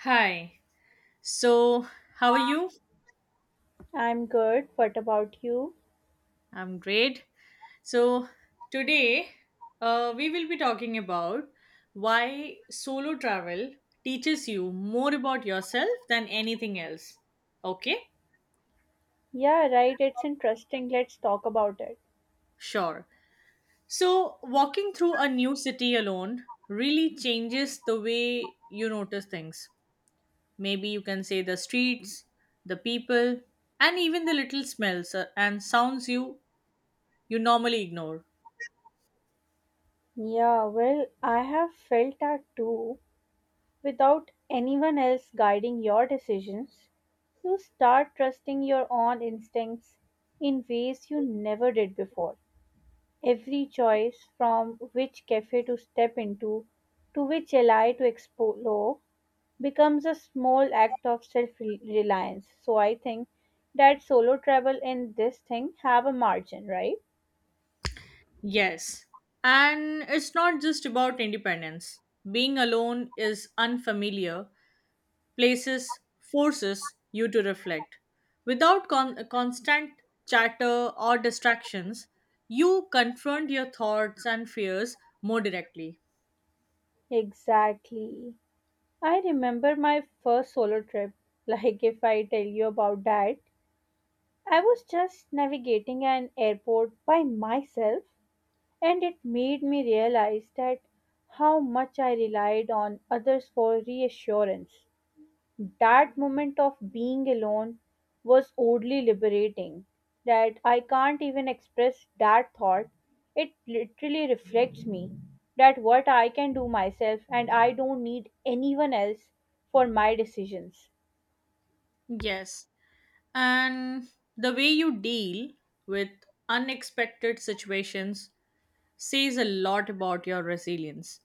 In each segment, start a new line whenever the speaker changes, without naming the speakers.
Hi. So, how are you?
I'm good. What about you?
I'm great. So, today we will be talking about why solo travel teaches you more about yourself than anything else. Okay?
Yeah, right. It's interesting. Let's talk about it.
Sure. So, walking through a new city alone really changes the way you notice things. Maybe you can say the streets, the people, and even the little smells and sounds you normally ignore.
Yeah, well, I have felt that too. Without anyone else guiding your decisions, you start trusting your own instincts in ways you never did before. Every choice from which cafe to step into, to which ally to explore, becomes a small act of self-reliance. So I think that solo travel and this thing have a margin, right?
Yes. And it's not just about independence. Being alone is unfamiliar, places forces you to reflect. Without constant chatter or distractions, you confront your thoughts and fears more directly.
Exactly. I remember my first solo trip. Like, if I tell you about that, I was just navigating an airport by myself, and it made me realize that how much I relied on others for reassurance. That moment of being alone was oddly liberating. That I can't even express that thought. It literally reflects me. That what I can do myself and I don't need anyone else for my decisions.
Yes. And the way you deal with unexpected situations says a lot about your resilience.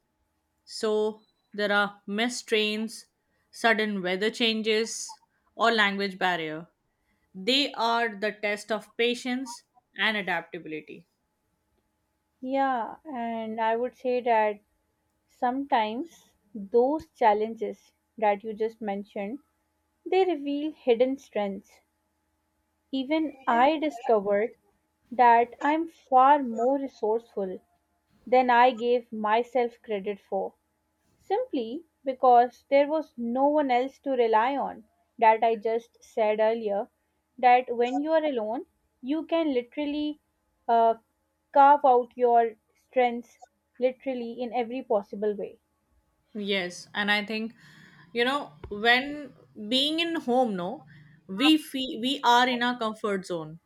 So there are missed trains, sudden weather changes, or language barrier. They are the test of patience and adaptability.
Yeah, and I would say that sometimes those challenges that you just mentioned, they reveal hidden strengths. Even I discovered that I'm far more resourceful than I gave myself credit for, simply because there was no one else to rely on. That I just said earlier, that when you are alone, you can literally uh, carve out your strengths literally in every possible way.
Yes, and I think, you know, when being in home, no, we feel we are in our comfort zone,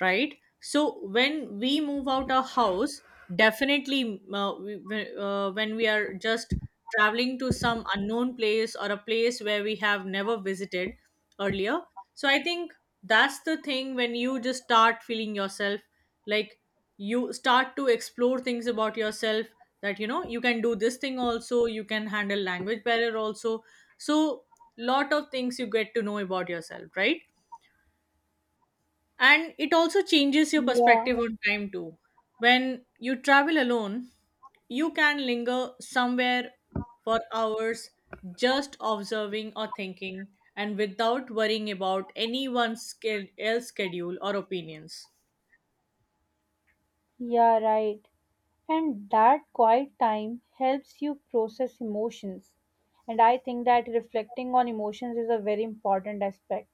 right? So when we move out our house, definitely when we are just traveling to some unknown place or a place where we have never visited earlier, so I think that's the thing when you just start feeling yourself, like, you start to explore things about yourself, that you know you can do this thing also, you can handle language barrier also. So lot of things you get to know about yourself, right? And it also changes your
Yeah,
perspective on time too. When you travel alone, you can linger somewhere for hours, just observing or thinking, and without worrying about anyone's else schedule or opinions.
yeah, right. And that quiet time helps you process emotions. And I think that reflecting on emotions is a very important aspect.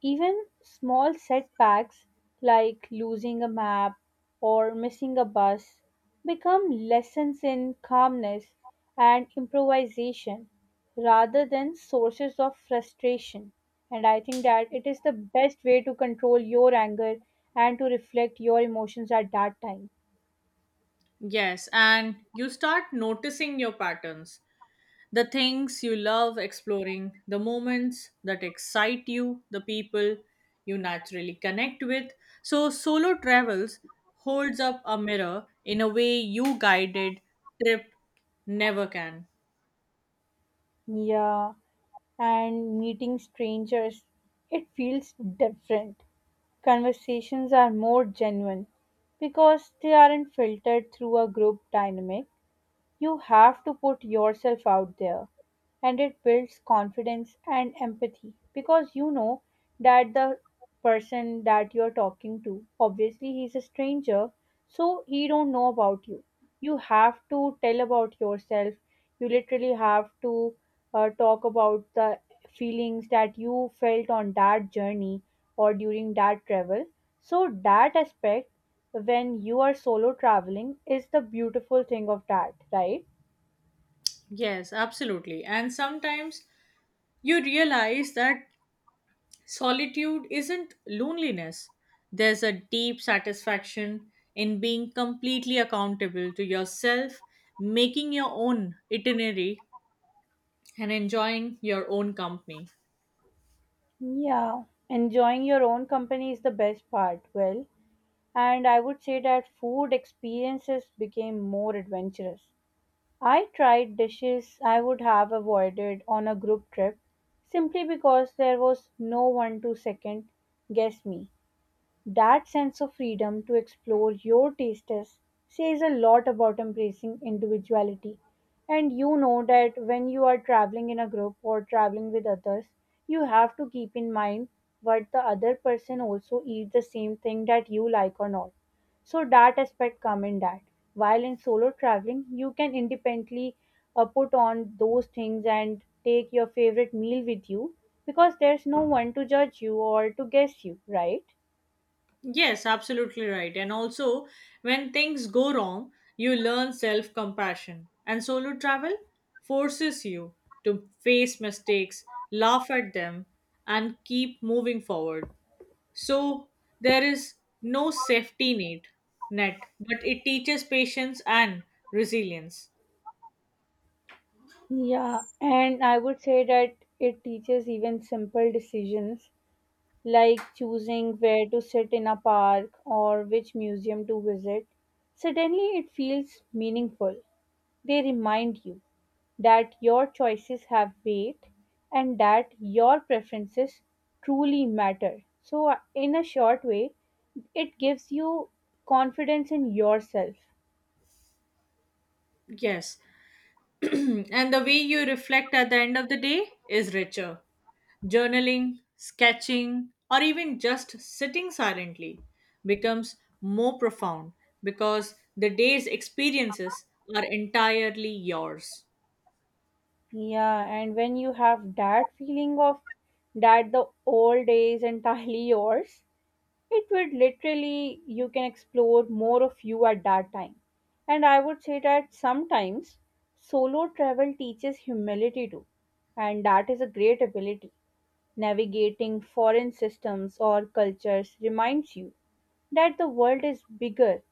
Even small setbacks like losing a map or missing a bus become lessons in calmness and improvisation rather than sources of frustration. And I think that it is the best way to control your anger and to reflect your emotions at that time.
Yes, and you start noticing your patterns. The things you love exploring, the moments that excite you, the people you naturally connect with. So, solo travels holds up a mirror in a way you guided trip never can.
Yeah, and meeting strangers, it feels different. Conversations are more genuine because they aren't filtered through a group dynamic. You have to put yourself out there, and it builds confidence and empathy because you know that the person that you're talking to, obviously he's a stranger, so he don't know about you. You have to tell about yourself. You literally have to talk about the feelings that you felt on that journey or during that travel. So that aspect, when you are solo traveling, is the beautiful thing of that, right?
Yes, absolutely. And sometimes you realize that solitude isn't loneliness. There's a deep satisfaction in being completely accountable to yourself, making your own itinerary and enjoying your own company.
Yeah. Enjoying your own company is the best part. Well, and I would say that food experiences became more adventurous. I tried dishes I would have avoided on a group trip simply because there was no one to second guess me. That sense of freedom to explore your tastes says a lot about embracing individuality. And you know that when you are traveling in a group or traveling with others, you have to keep in mind what the other person also eats, the same thing that you like or not. So that aspect come in that. While in solo traveling, you can independently put on those things and take your favorite meal with you because there's no one to judge you or to guess you, right?
Yes, absolutely right. And also, when things go wrong, you learn self compassion. And solo travel forces you to face mistakes, laugh at them, and keep moving forward. So, there is no safety net, net but it teaches patience and resilience.
Yeah, and I would say that it teaches even simple decisions like choosing where to sit in a park or which museum to visit. Suddenly, it feels meaningful. They remind you that your choices have weight and that your preferences truly matter. So, in a short way, it gives you confidence in yourself.
Yes. And the way you reflect at the end of the day is richer. Journaling, sketching, or even just sitting silently becomes more profound because the day's experiences are entirely yours.
Yeah, and when you have that feeling of that the old is entirely yours, it would literally you can explore more of you at that time. And I would say that sometimes solo travel teaches humility too, and that is a great ability. Navigating foreign systems or cultures reminds you that the world is bigger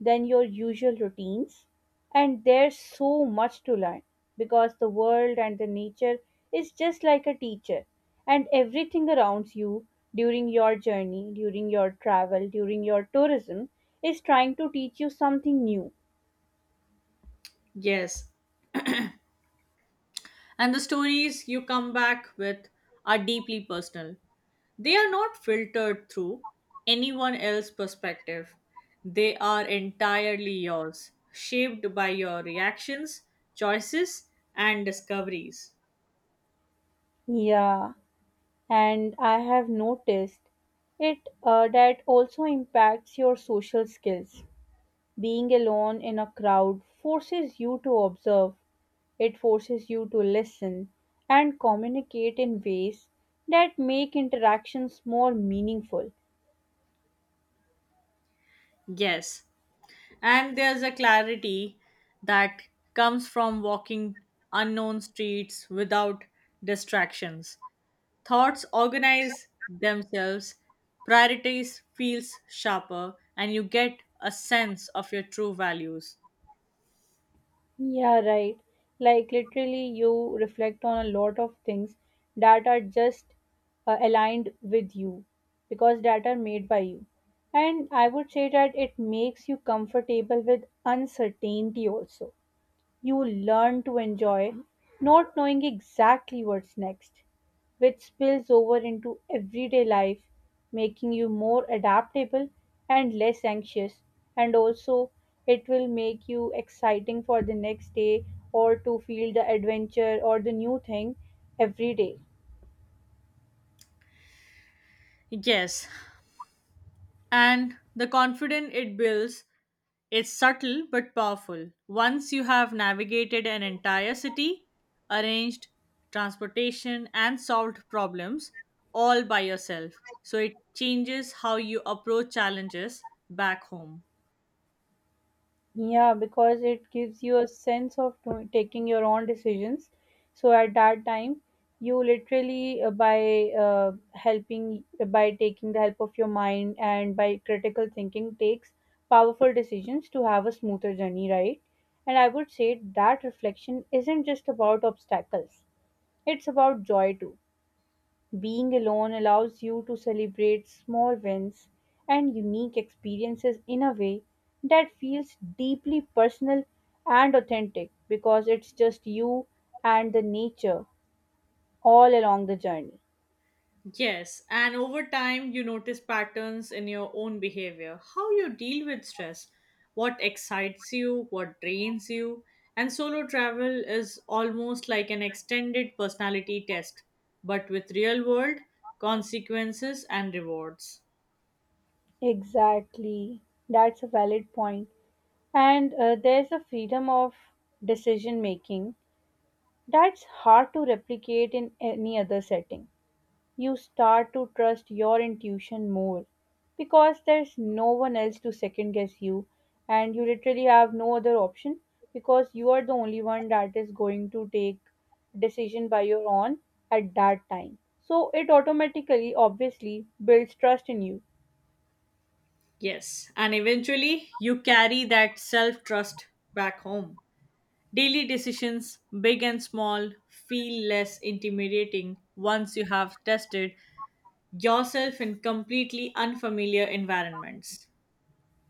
than your usual routines, and there's so much to learn because the world and the nature is just like a teacher, and everything around you during your journey, during your travel, during your tourism is trying to teach you something new.
Yes, and the stories you come back with are deeply personal. They are not filtered through anyone else's perspective, they are entirely yours, shaped by your reactions, choices, and discoveries.
Yeah, and I have noticed it, that also impacts your social skills. Being alone in a crowd forces you to observe, it forces you to listen and communicate in ways that make interactions more meaningful.
Yes. And there's a clarity that comes from walking unknown streets without distractions. Thoughts organize themselves, priorities feels sharper, and you get a sense of your true values.
Yeah, right. Like literally, you reflect on a lot of things that are just aligned with you because that are made by you. And I would say that it makes you comfortable with uncertainty also. You learn to enjoy not knowing exactly what's next, which spills over into everyday life, making you more adaptable and less anxious. And also, it will make you exciting for the next day or to feel the adventure or the new thing every day.
Yes, and the confidence it builds, it's subtle but powerful. Once you have navigated an entire city, arranged transportation, and solved problems all by yourself, so it changes how you approach challenges back home.
Yeah, because it gives you a sense of taking your own decisions. So at that time, you literally, by helping, by taking the help of your mind and by critical thinking, takes powerful decisions to have a smoother journey, right? And I would say that reflection isn't just about obstacles, it's about joy too. Being alone allows you to celebrate small wins and unique experiences in a way that feels deeply personal and authentic because it's just you and the nature all along the journey.
Yes, and over time you notice patterns in your own behavior, how you deal with stress, what excites you, what drains you, and solo travel is almost like an extended personality test, but with real world consequences and rewards.
Exactly. That's a valid point. And there's a freedom of decision making that's hard to replicate in any other setting. You start to trust your intuition more because there's no one else to second guess you, and you literally have no other option because you are the only one that is going to take decision by your own at that time, so it automatically obviously builds trust in you.
Yes, and eventually you carry that self trust back home. Daily decisions, big and small, feel less intimidating once you have tested yourself in completely unfamiliar environments.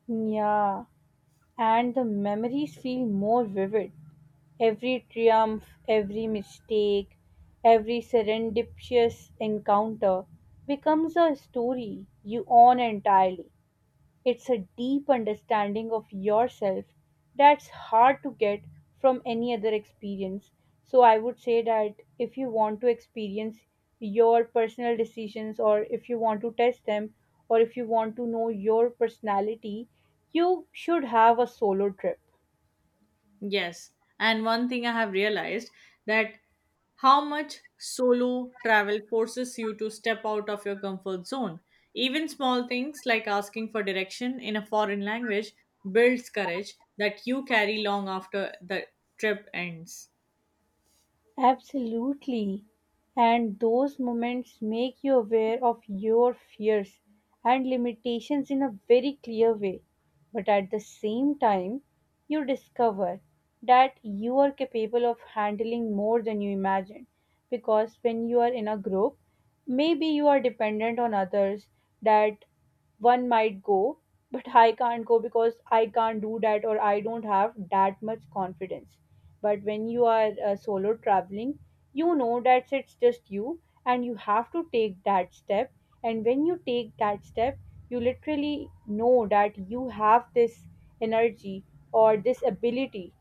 Yeah, and the memories feel more vivid. Every triumph, every mistake, every serendipitous encounter becomes a story you own entirely. It's a deep understanding of yourself that's hard to get from any other experience. So, I would say that if you want to experience your personal decisions, or if you want to test them, or if you want to know your personality, you should have a solo trip.
Yes. And one thing I have realized, that how much solo travel forces you to step out of your comfort zone. Even small things like asking for direction in a foreign language builds courage that you carry long after the trip ends.
Absolutely. And those moments make you aware of your fears and limitations in a very clear way. But at the same time, you discover that you are capable of handling more than you imagined. Because when you are in a group, maybe you are dependent on others, that one might go, but I can't go because I can't do that or I don't have that much confidence. But when you are solo traveling, you know that it's just you and you have to take that step, and when you take that step, you literally know that you have this energy or this ability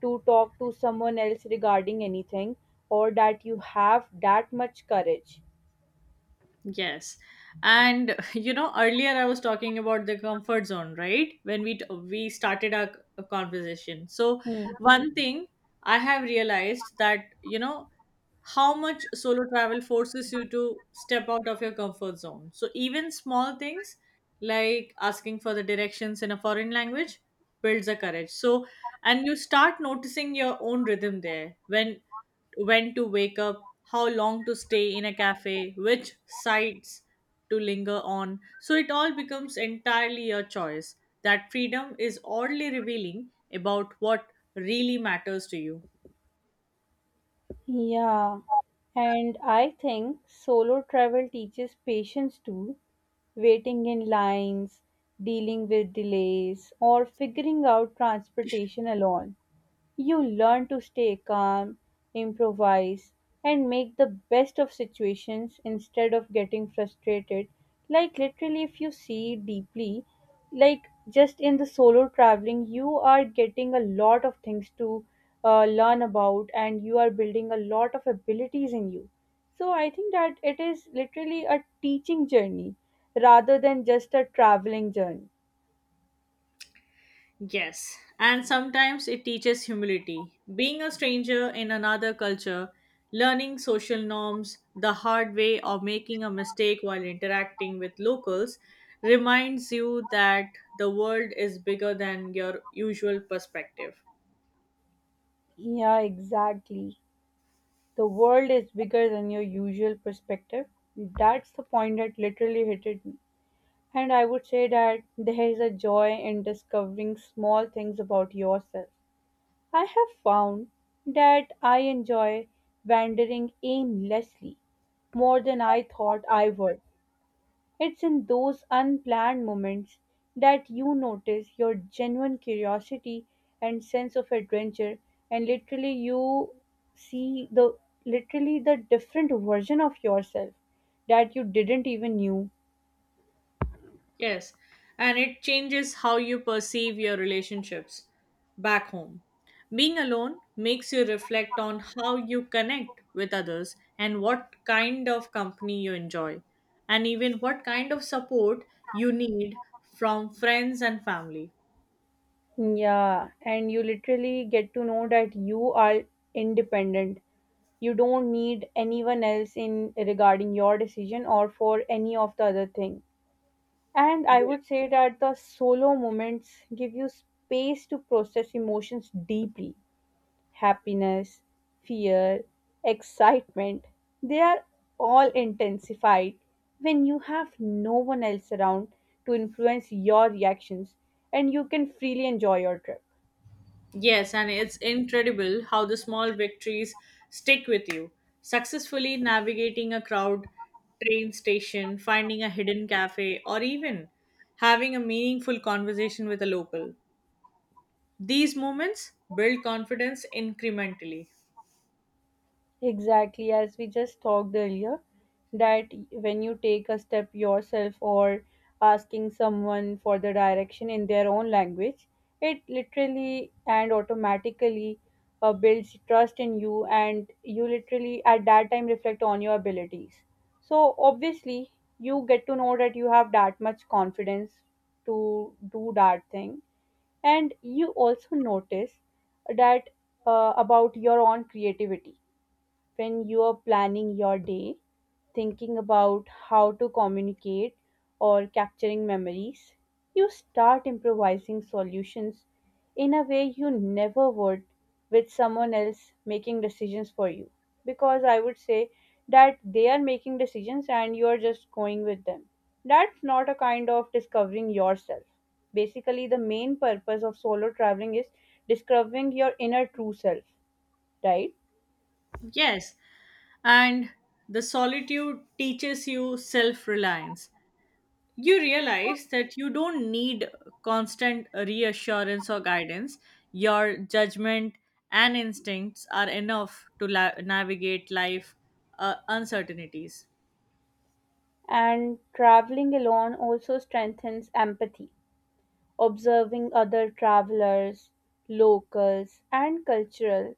to talk to someone else regarding anything, or that you have that much courage.
Yes. And you know, earlier I was talking about the comfort zone, right? When we we started our conversation. So
Hmm.
one thing I have realized that, you know, how much solo travel forces you to step out of your comfort zone. So even small things like asking for the directions in a foreign language builds the courage. So, and you start noticing your own rhythm there, when to wake up, how long to stay in a cafe, which sites to linger on. So it all becomes entirely your choice. That freedom is oddly revealing about what really matters to you.
Yeah, and I think solo travel teaches patience too. Waiting in lines, dealing with delays, or figuring out transportation alone. You learn to stay calm, improvise, and make the best of situations instead of getting frustrated. Like, literally, if you see deeply, like, just in the solo traveling, you are getting a lot of things to learn about and you are building a lot of abilities in you. So, I think that it is literally a teaching journey rather than just a traveling journey.
Yes, and sometimes it teaches humility. Being a stranger in another culture, learning social norms the hard way, or making a mistake while interacting with locals reminds you that the world is bigger than your usual perspective.
Yeah, exactly. The world is bigger than your usual perspective. That's the point that literally hit it. And I would say that there is a joy in discovering small things about yourself. I have found that I enjoy wandering aimlessly more than I thought I would. It's in those unplanned moments that you notice your genuine curiosity and sense of adventure, and literally you see the literally the different version of yourself that you didn't even knew.
Yes, and it changes how you perceive your relationships back home. Being alone makes you reflect on how you connect with others and what kind of company you enjoy, and even what kind of support you need from friends and family.
Yeah, and you literally get to know that you are independent. You don't need anyone else in regarding your decision or for any of the other thing. And I would say that the solo moments give you space to process emotions deeply, happiness, fear, excitement. They are all intensified when you have no one else around to influence your reactions and you can freely enjoy your trip.
Yes, and it's incredible how the small victories stick with you. Successfully navigating a crowd, train station, finding a hidden cafe, or even having a meaningful conversation with a local. These moments build confidence incrementally.
Exactly, as we just talked earlier, that when you take a step yourself or asking someone for the direction in their own language, it literally and automatically builds trust in you, and you literally at that time reflect on your abilities. So, obviously, you get to know that you have that much confidence to do that thing, and you also notice that, about your own creativity. When you are planning your day, thinking about how to communicate or capturing memories, you start improvising solutions in a way you never would with someone else making decisions for you. Because I would say that they are making decisions and you are just going with them. That's not a kind of discovering yourself. Basically, the main purpose of solo traveling is discovering your inner true self, right?
Yes, and the solitude teaches you self reliance. You realize that you don't need constant reassurance or guidance. Your judgment and instincts are enough to navigate life uncertainties.
And traveling alone also strengthens empathy. Observing other travelers, locals, and cultural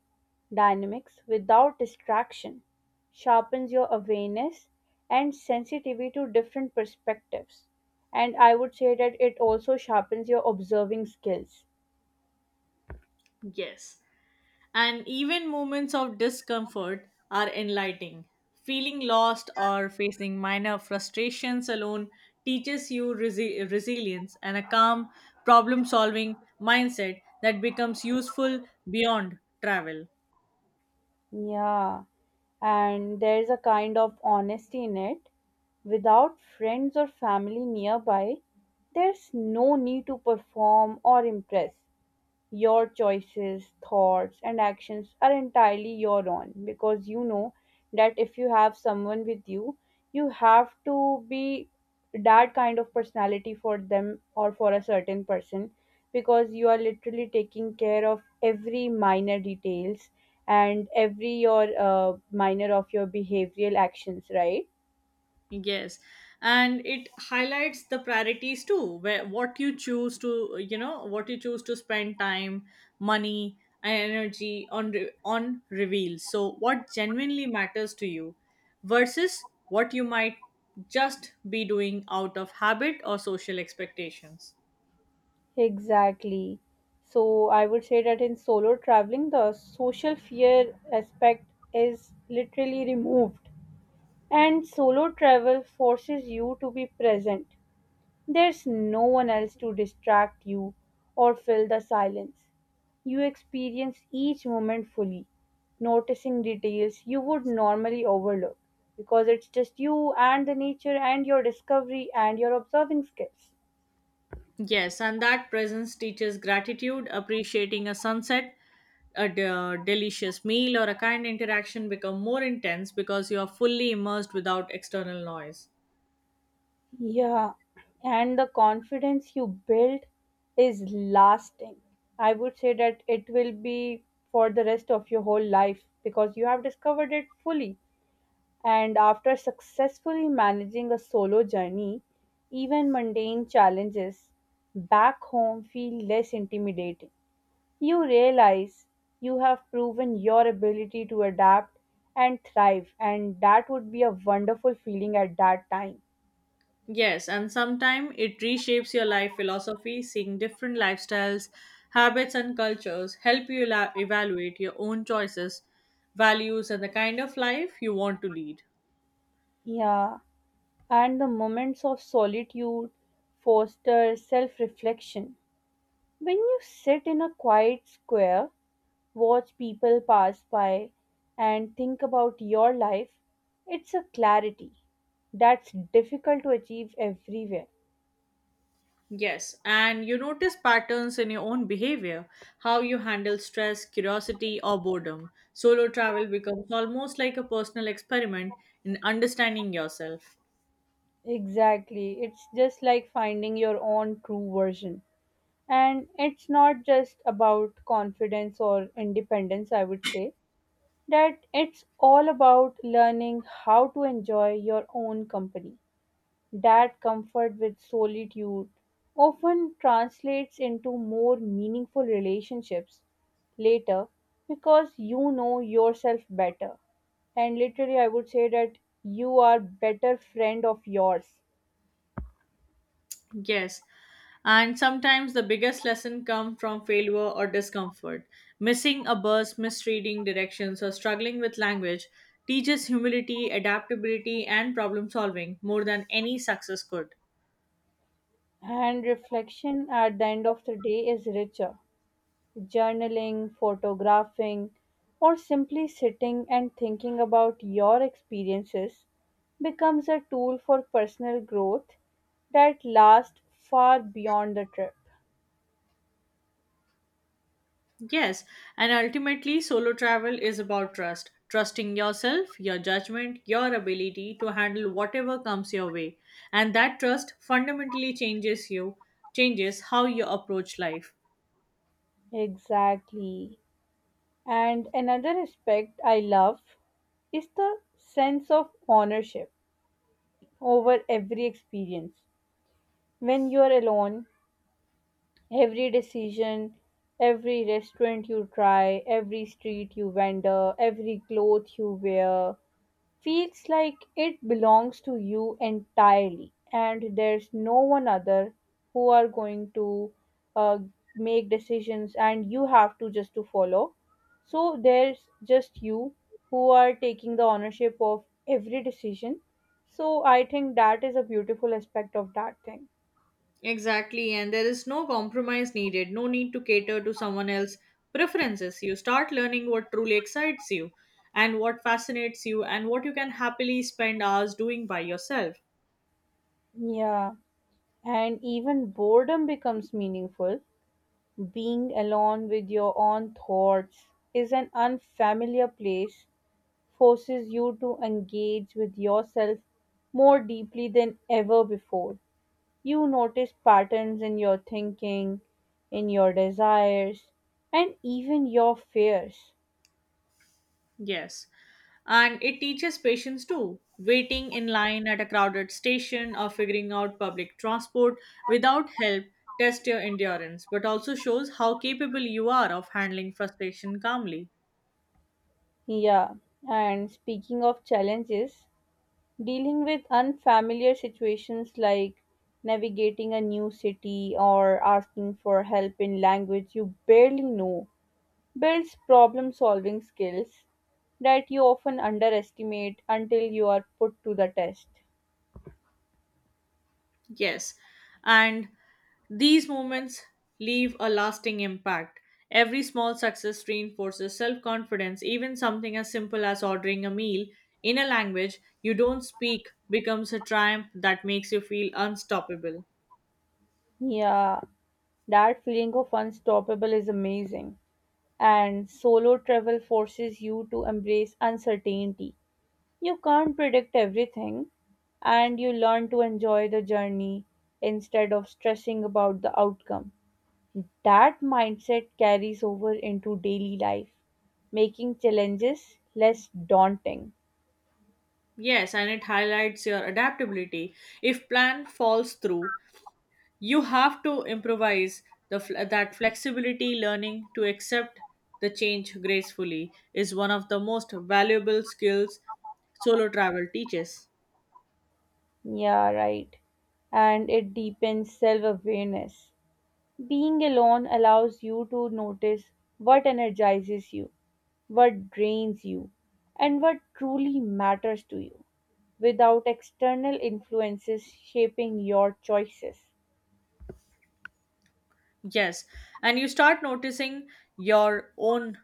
dynamics without distraction sharpens your awareness and sensitivity to different perspectives. And I would say that it also sharpens your observing skills.
Yes. And even moments of discomfort are enlightening. Feeling lost or facing minor frustrations alone teaches you resilience and a calm problem solving mindset that becomes useful beyond travel.
Yeah, and there's a kind of honesty in it. Without friends or family nearby, there's no need to perform or impress. Your choices, thoughts, and actions are entirely your own, because you know that if you have someone with you, you have to be that kind of personality for them or for a certain person, because you are literally taking care of every minor details and every your minor of your behavioral actions, right?
Yes, and it highlights the priorities too, where what you choose to, you know, what you choose to spend time, money, and energy on on reveals. So what genuinely matters to you versus what you might just be doing out of habit or social expectations.
Exactly. So I would say that in solo traveling, the social fear aspect is literally removed. And solo travel forces you to be present. There's no one else to distract you or fill the silence. You experience each moment fully, noticing details you would normally overlook, because it's just you and the nature and your discovery and your observing skills.
Yes, and that presence teaches gratitude, appreciating a sunset, a delicious meal or a kind interaction become more intense because you are fully immersed without external noise.
Yeah, and the confidence you build is lasting. I would say that it will be for the rest of your whole life because you have discovered it fully. And after successfully managing a solo journey, even mundane challenges back home feel less intimidating. You realize you have proven your ability to adapt and thrive, and that would be a wonderful feeling at that time.
Yes, and sometimes it reshapes your life philosophy, seeing different lifestyles, habits, and cultures help you evaluate your own choices, values, and the kind of life you want to lead.
Yeah, and the moments of solitude foster self reflection. When you sit in a quiet square, watch people pass by, and think about your life, it's a clarity that's difficult to achieve everywhere.
Yes, and you notice patterns in your own behavior, how you handle stress, curiosity, or boredom. Solo travel becomes almost like a personal experiment in understanding yourself.
Exactly, it's just like finding your own true version. And it's not just about confidence or independence, I would say that it's all about learning how to enjoy your own company. That comfort with solitude often translates into more meaningful relationships later because you know yourself better. And literally, I would say that you are better friend of yours.
Yes, and sometimes the biggest lesson comes from failure or discomfort. Missing a bus, misreading directions, or struggling with language teaches humility, adaptability, and problem solving more than any success could.
And reflection at the end of the day is richer, journaling, photographing, or simply sitting and thinking about your experiences becomes a tool for personal growth that lasts far beyond the trip.
Yes, and ultimately, solo travel is about trust, trusting yourself, your judgment, your ability to handle whatever comes your way. And that trust fundamentally changes you, changes how you approach life.
Exactly. And another aspect I love is the sense of ownership over every experience. When you are alone, every decision, every restaurant you try, every street you wander, every cloth you wear feels like it belongs to you entirely, and there's no one other who are going to, uh, make decisions, and you have to just to follow. So there's just you who are taking the ownership of every decision. So I think that is a beautiful aspect of that thing.
Exactly, and there is no compromise needed, no need to cater to someone else's preferences. You start learning what truly excites you and what fascinates you and what you can happily spend hours doing by yourself.
Yeah. And even boredom becomes meaningful. Being alone with your own thoughts is an unfamiliar place, forces you to engage with yourself more deeply than ever before. You notice patterns in your thinking, in your desires, and even your fears.
Yes. And it teaches patience too. Waiting in line at a crowded station or figuring out public transport without help tests your endurance, but also shows how capable you are of handling frustration calmly.
Yeah, and speaking of challenges, dealing with unfamiliar situations like navigating a new city or asking for help in language you barely know builds problem solving skills that you often underestimate until you are put to the test.
Yes. And these moments leave a lasting impact. Every small success reinforces self confidence, even something as simple as ordering a meal in a language you don't speak becomes a triumph that makes you feel unstoppable.
Yeah, that feeling of unstoppable is amazing. And solo travel forces you to embrace uncertainty. You can't predict everything, and you learn to enjoy the journey instead of stressing about the outcome. That mindset carries over into daily life, making challenges less daunting.
Yes, and it highlights your adaptability. If plan falls through, you have to improvise. The that flexibility, learning to accept the change gracefully, is one of the most valuable skills solo travel teaches.
Yeah, right. And it deepens self awareness. Being alone allows you to notice what energizes you, what drains you, and what truly matters to you, without external influences shaping your choices.
Yes, and you start noticing your own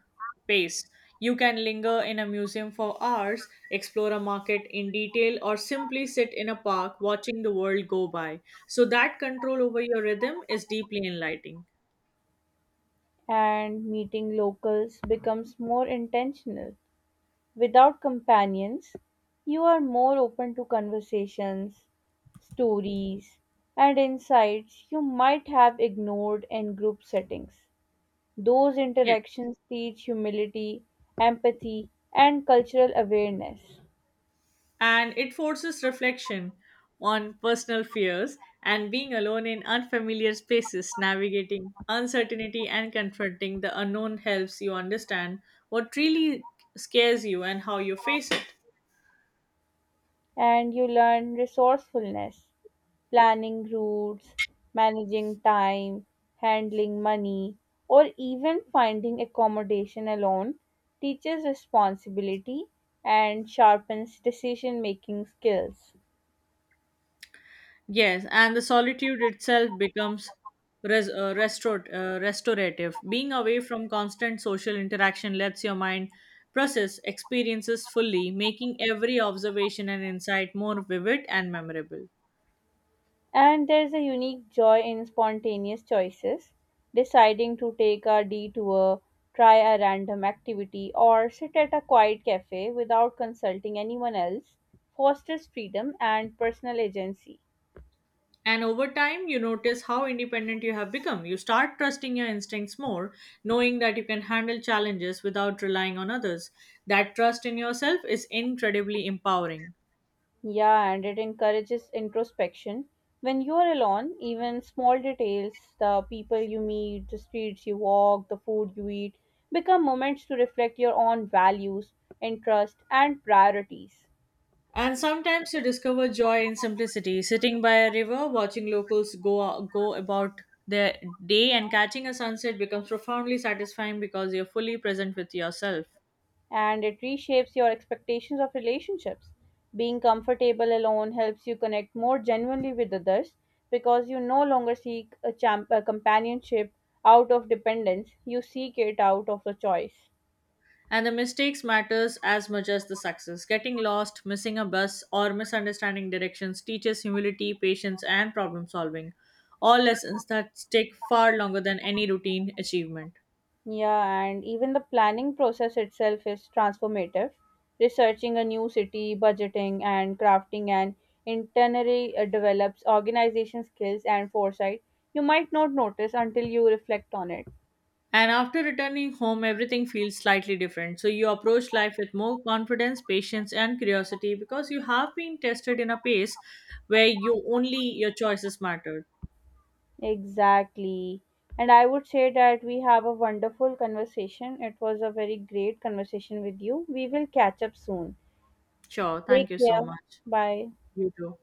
pace. You can linger in a museum for hours, explore a market in detail, or simply sit in a park watching the world go by. So, that control over your rhythm is deeply enlightening.
And meeting locals becomes more intentional. Without companions, you are more open to conversations, stories, and insights you might have ignored in group settings. Those
Yes.
interactions teach humility, empathy, and cultural awareness,
And it forces reflection on personal fears and being alone in unfamiliar spaces, navigating uncertainty and confronting the unknown helps you understand what really scares you and how you face it.
and you learn resourcefulness, planning routes, managing time, handling money, or even finding accommodation alone teaches responsibility and sharpens decision making skills.
Yes, and the solitude itself becomes restorative. Being away from constant social interaction lets your mind process experiences fully, making every observation and insight more vivid and memorable.
And there's a unique joy in spontaneous choices, deciding to take a detour, try a random activity, or sit at a quiet cafe without consulting anyone else fosters freedom and personal agency.
And over time, you notice how independent you have become. You start trusting your instincts more, knowing that you can handle challenges without relying on others. That trust in yourself is incredibly empowering.
Yeah, and it encourages introspection. When you are alone, even small details, the people you meet, the streets you walk, the food you eat, become moments to reflect your own values, interests, and priorities.
And sometimes you discover joy in simplicity, sitting by a river, watching locals go about their day and catching a sunset becomes profoundly satisfying because you're fully present with yourself.
And it reshapes your expectations of relationships. Being comfortable alone helps you connect more genuinely with others because you no longer seek a, a companionship out of dependence, you seek it out of a choice.
And the mistakes matters as much as the success. Getting lost, missing a bus, or misunderstanding directions teaches humility, patience, and problem solving, all lessons that stick far longer than any routine achievement.
Yeah, and even the planning process itself is transformative. Researching a new city, budgeting, and crafting an itinerary develops organization skills and foresight you might not notice until you reflect on it.
And after returning home, everything feels slightly different. So you approach life with more confidence, patience, and curiosity because you have been tested in a pace where you only your choices mattered.
Exactly. And I would say that we have a wonderful conversation. It was a very great conversation with you. We will catch up soon.
Sure, thank
Take
you so
care.
much.
Bye.
You too.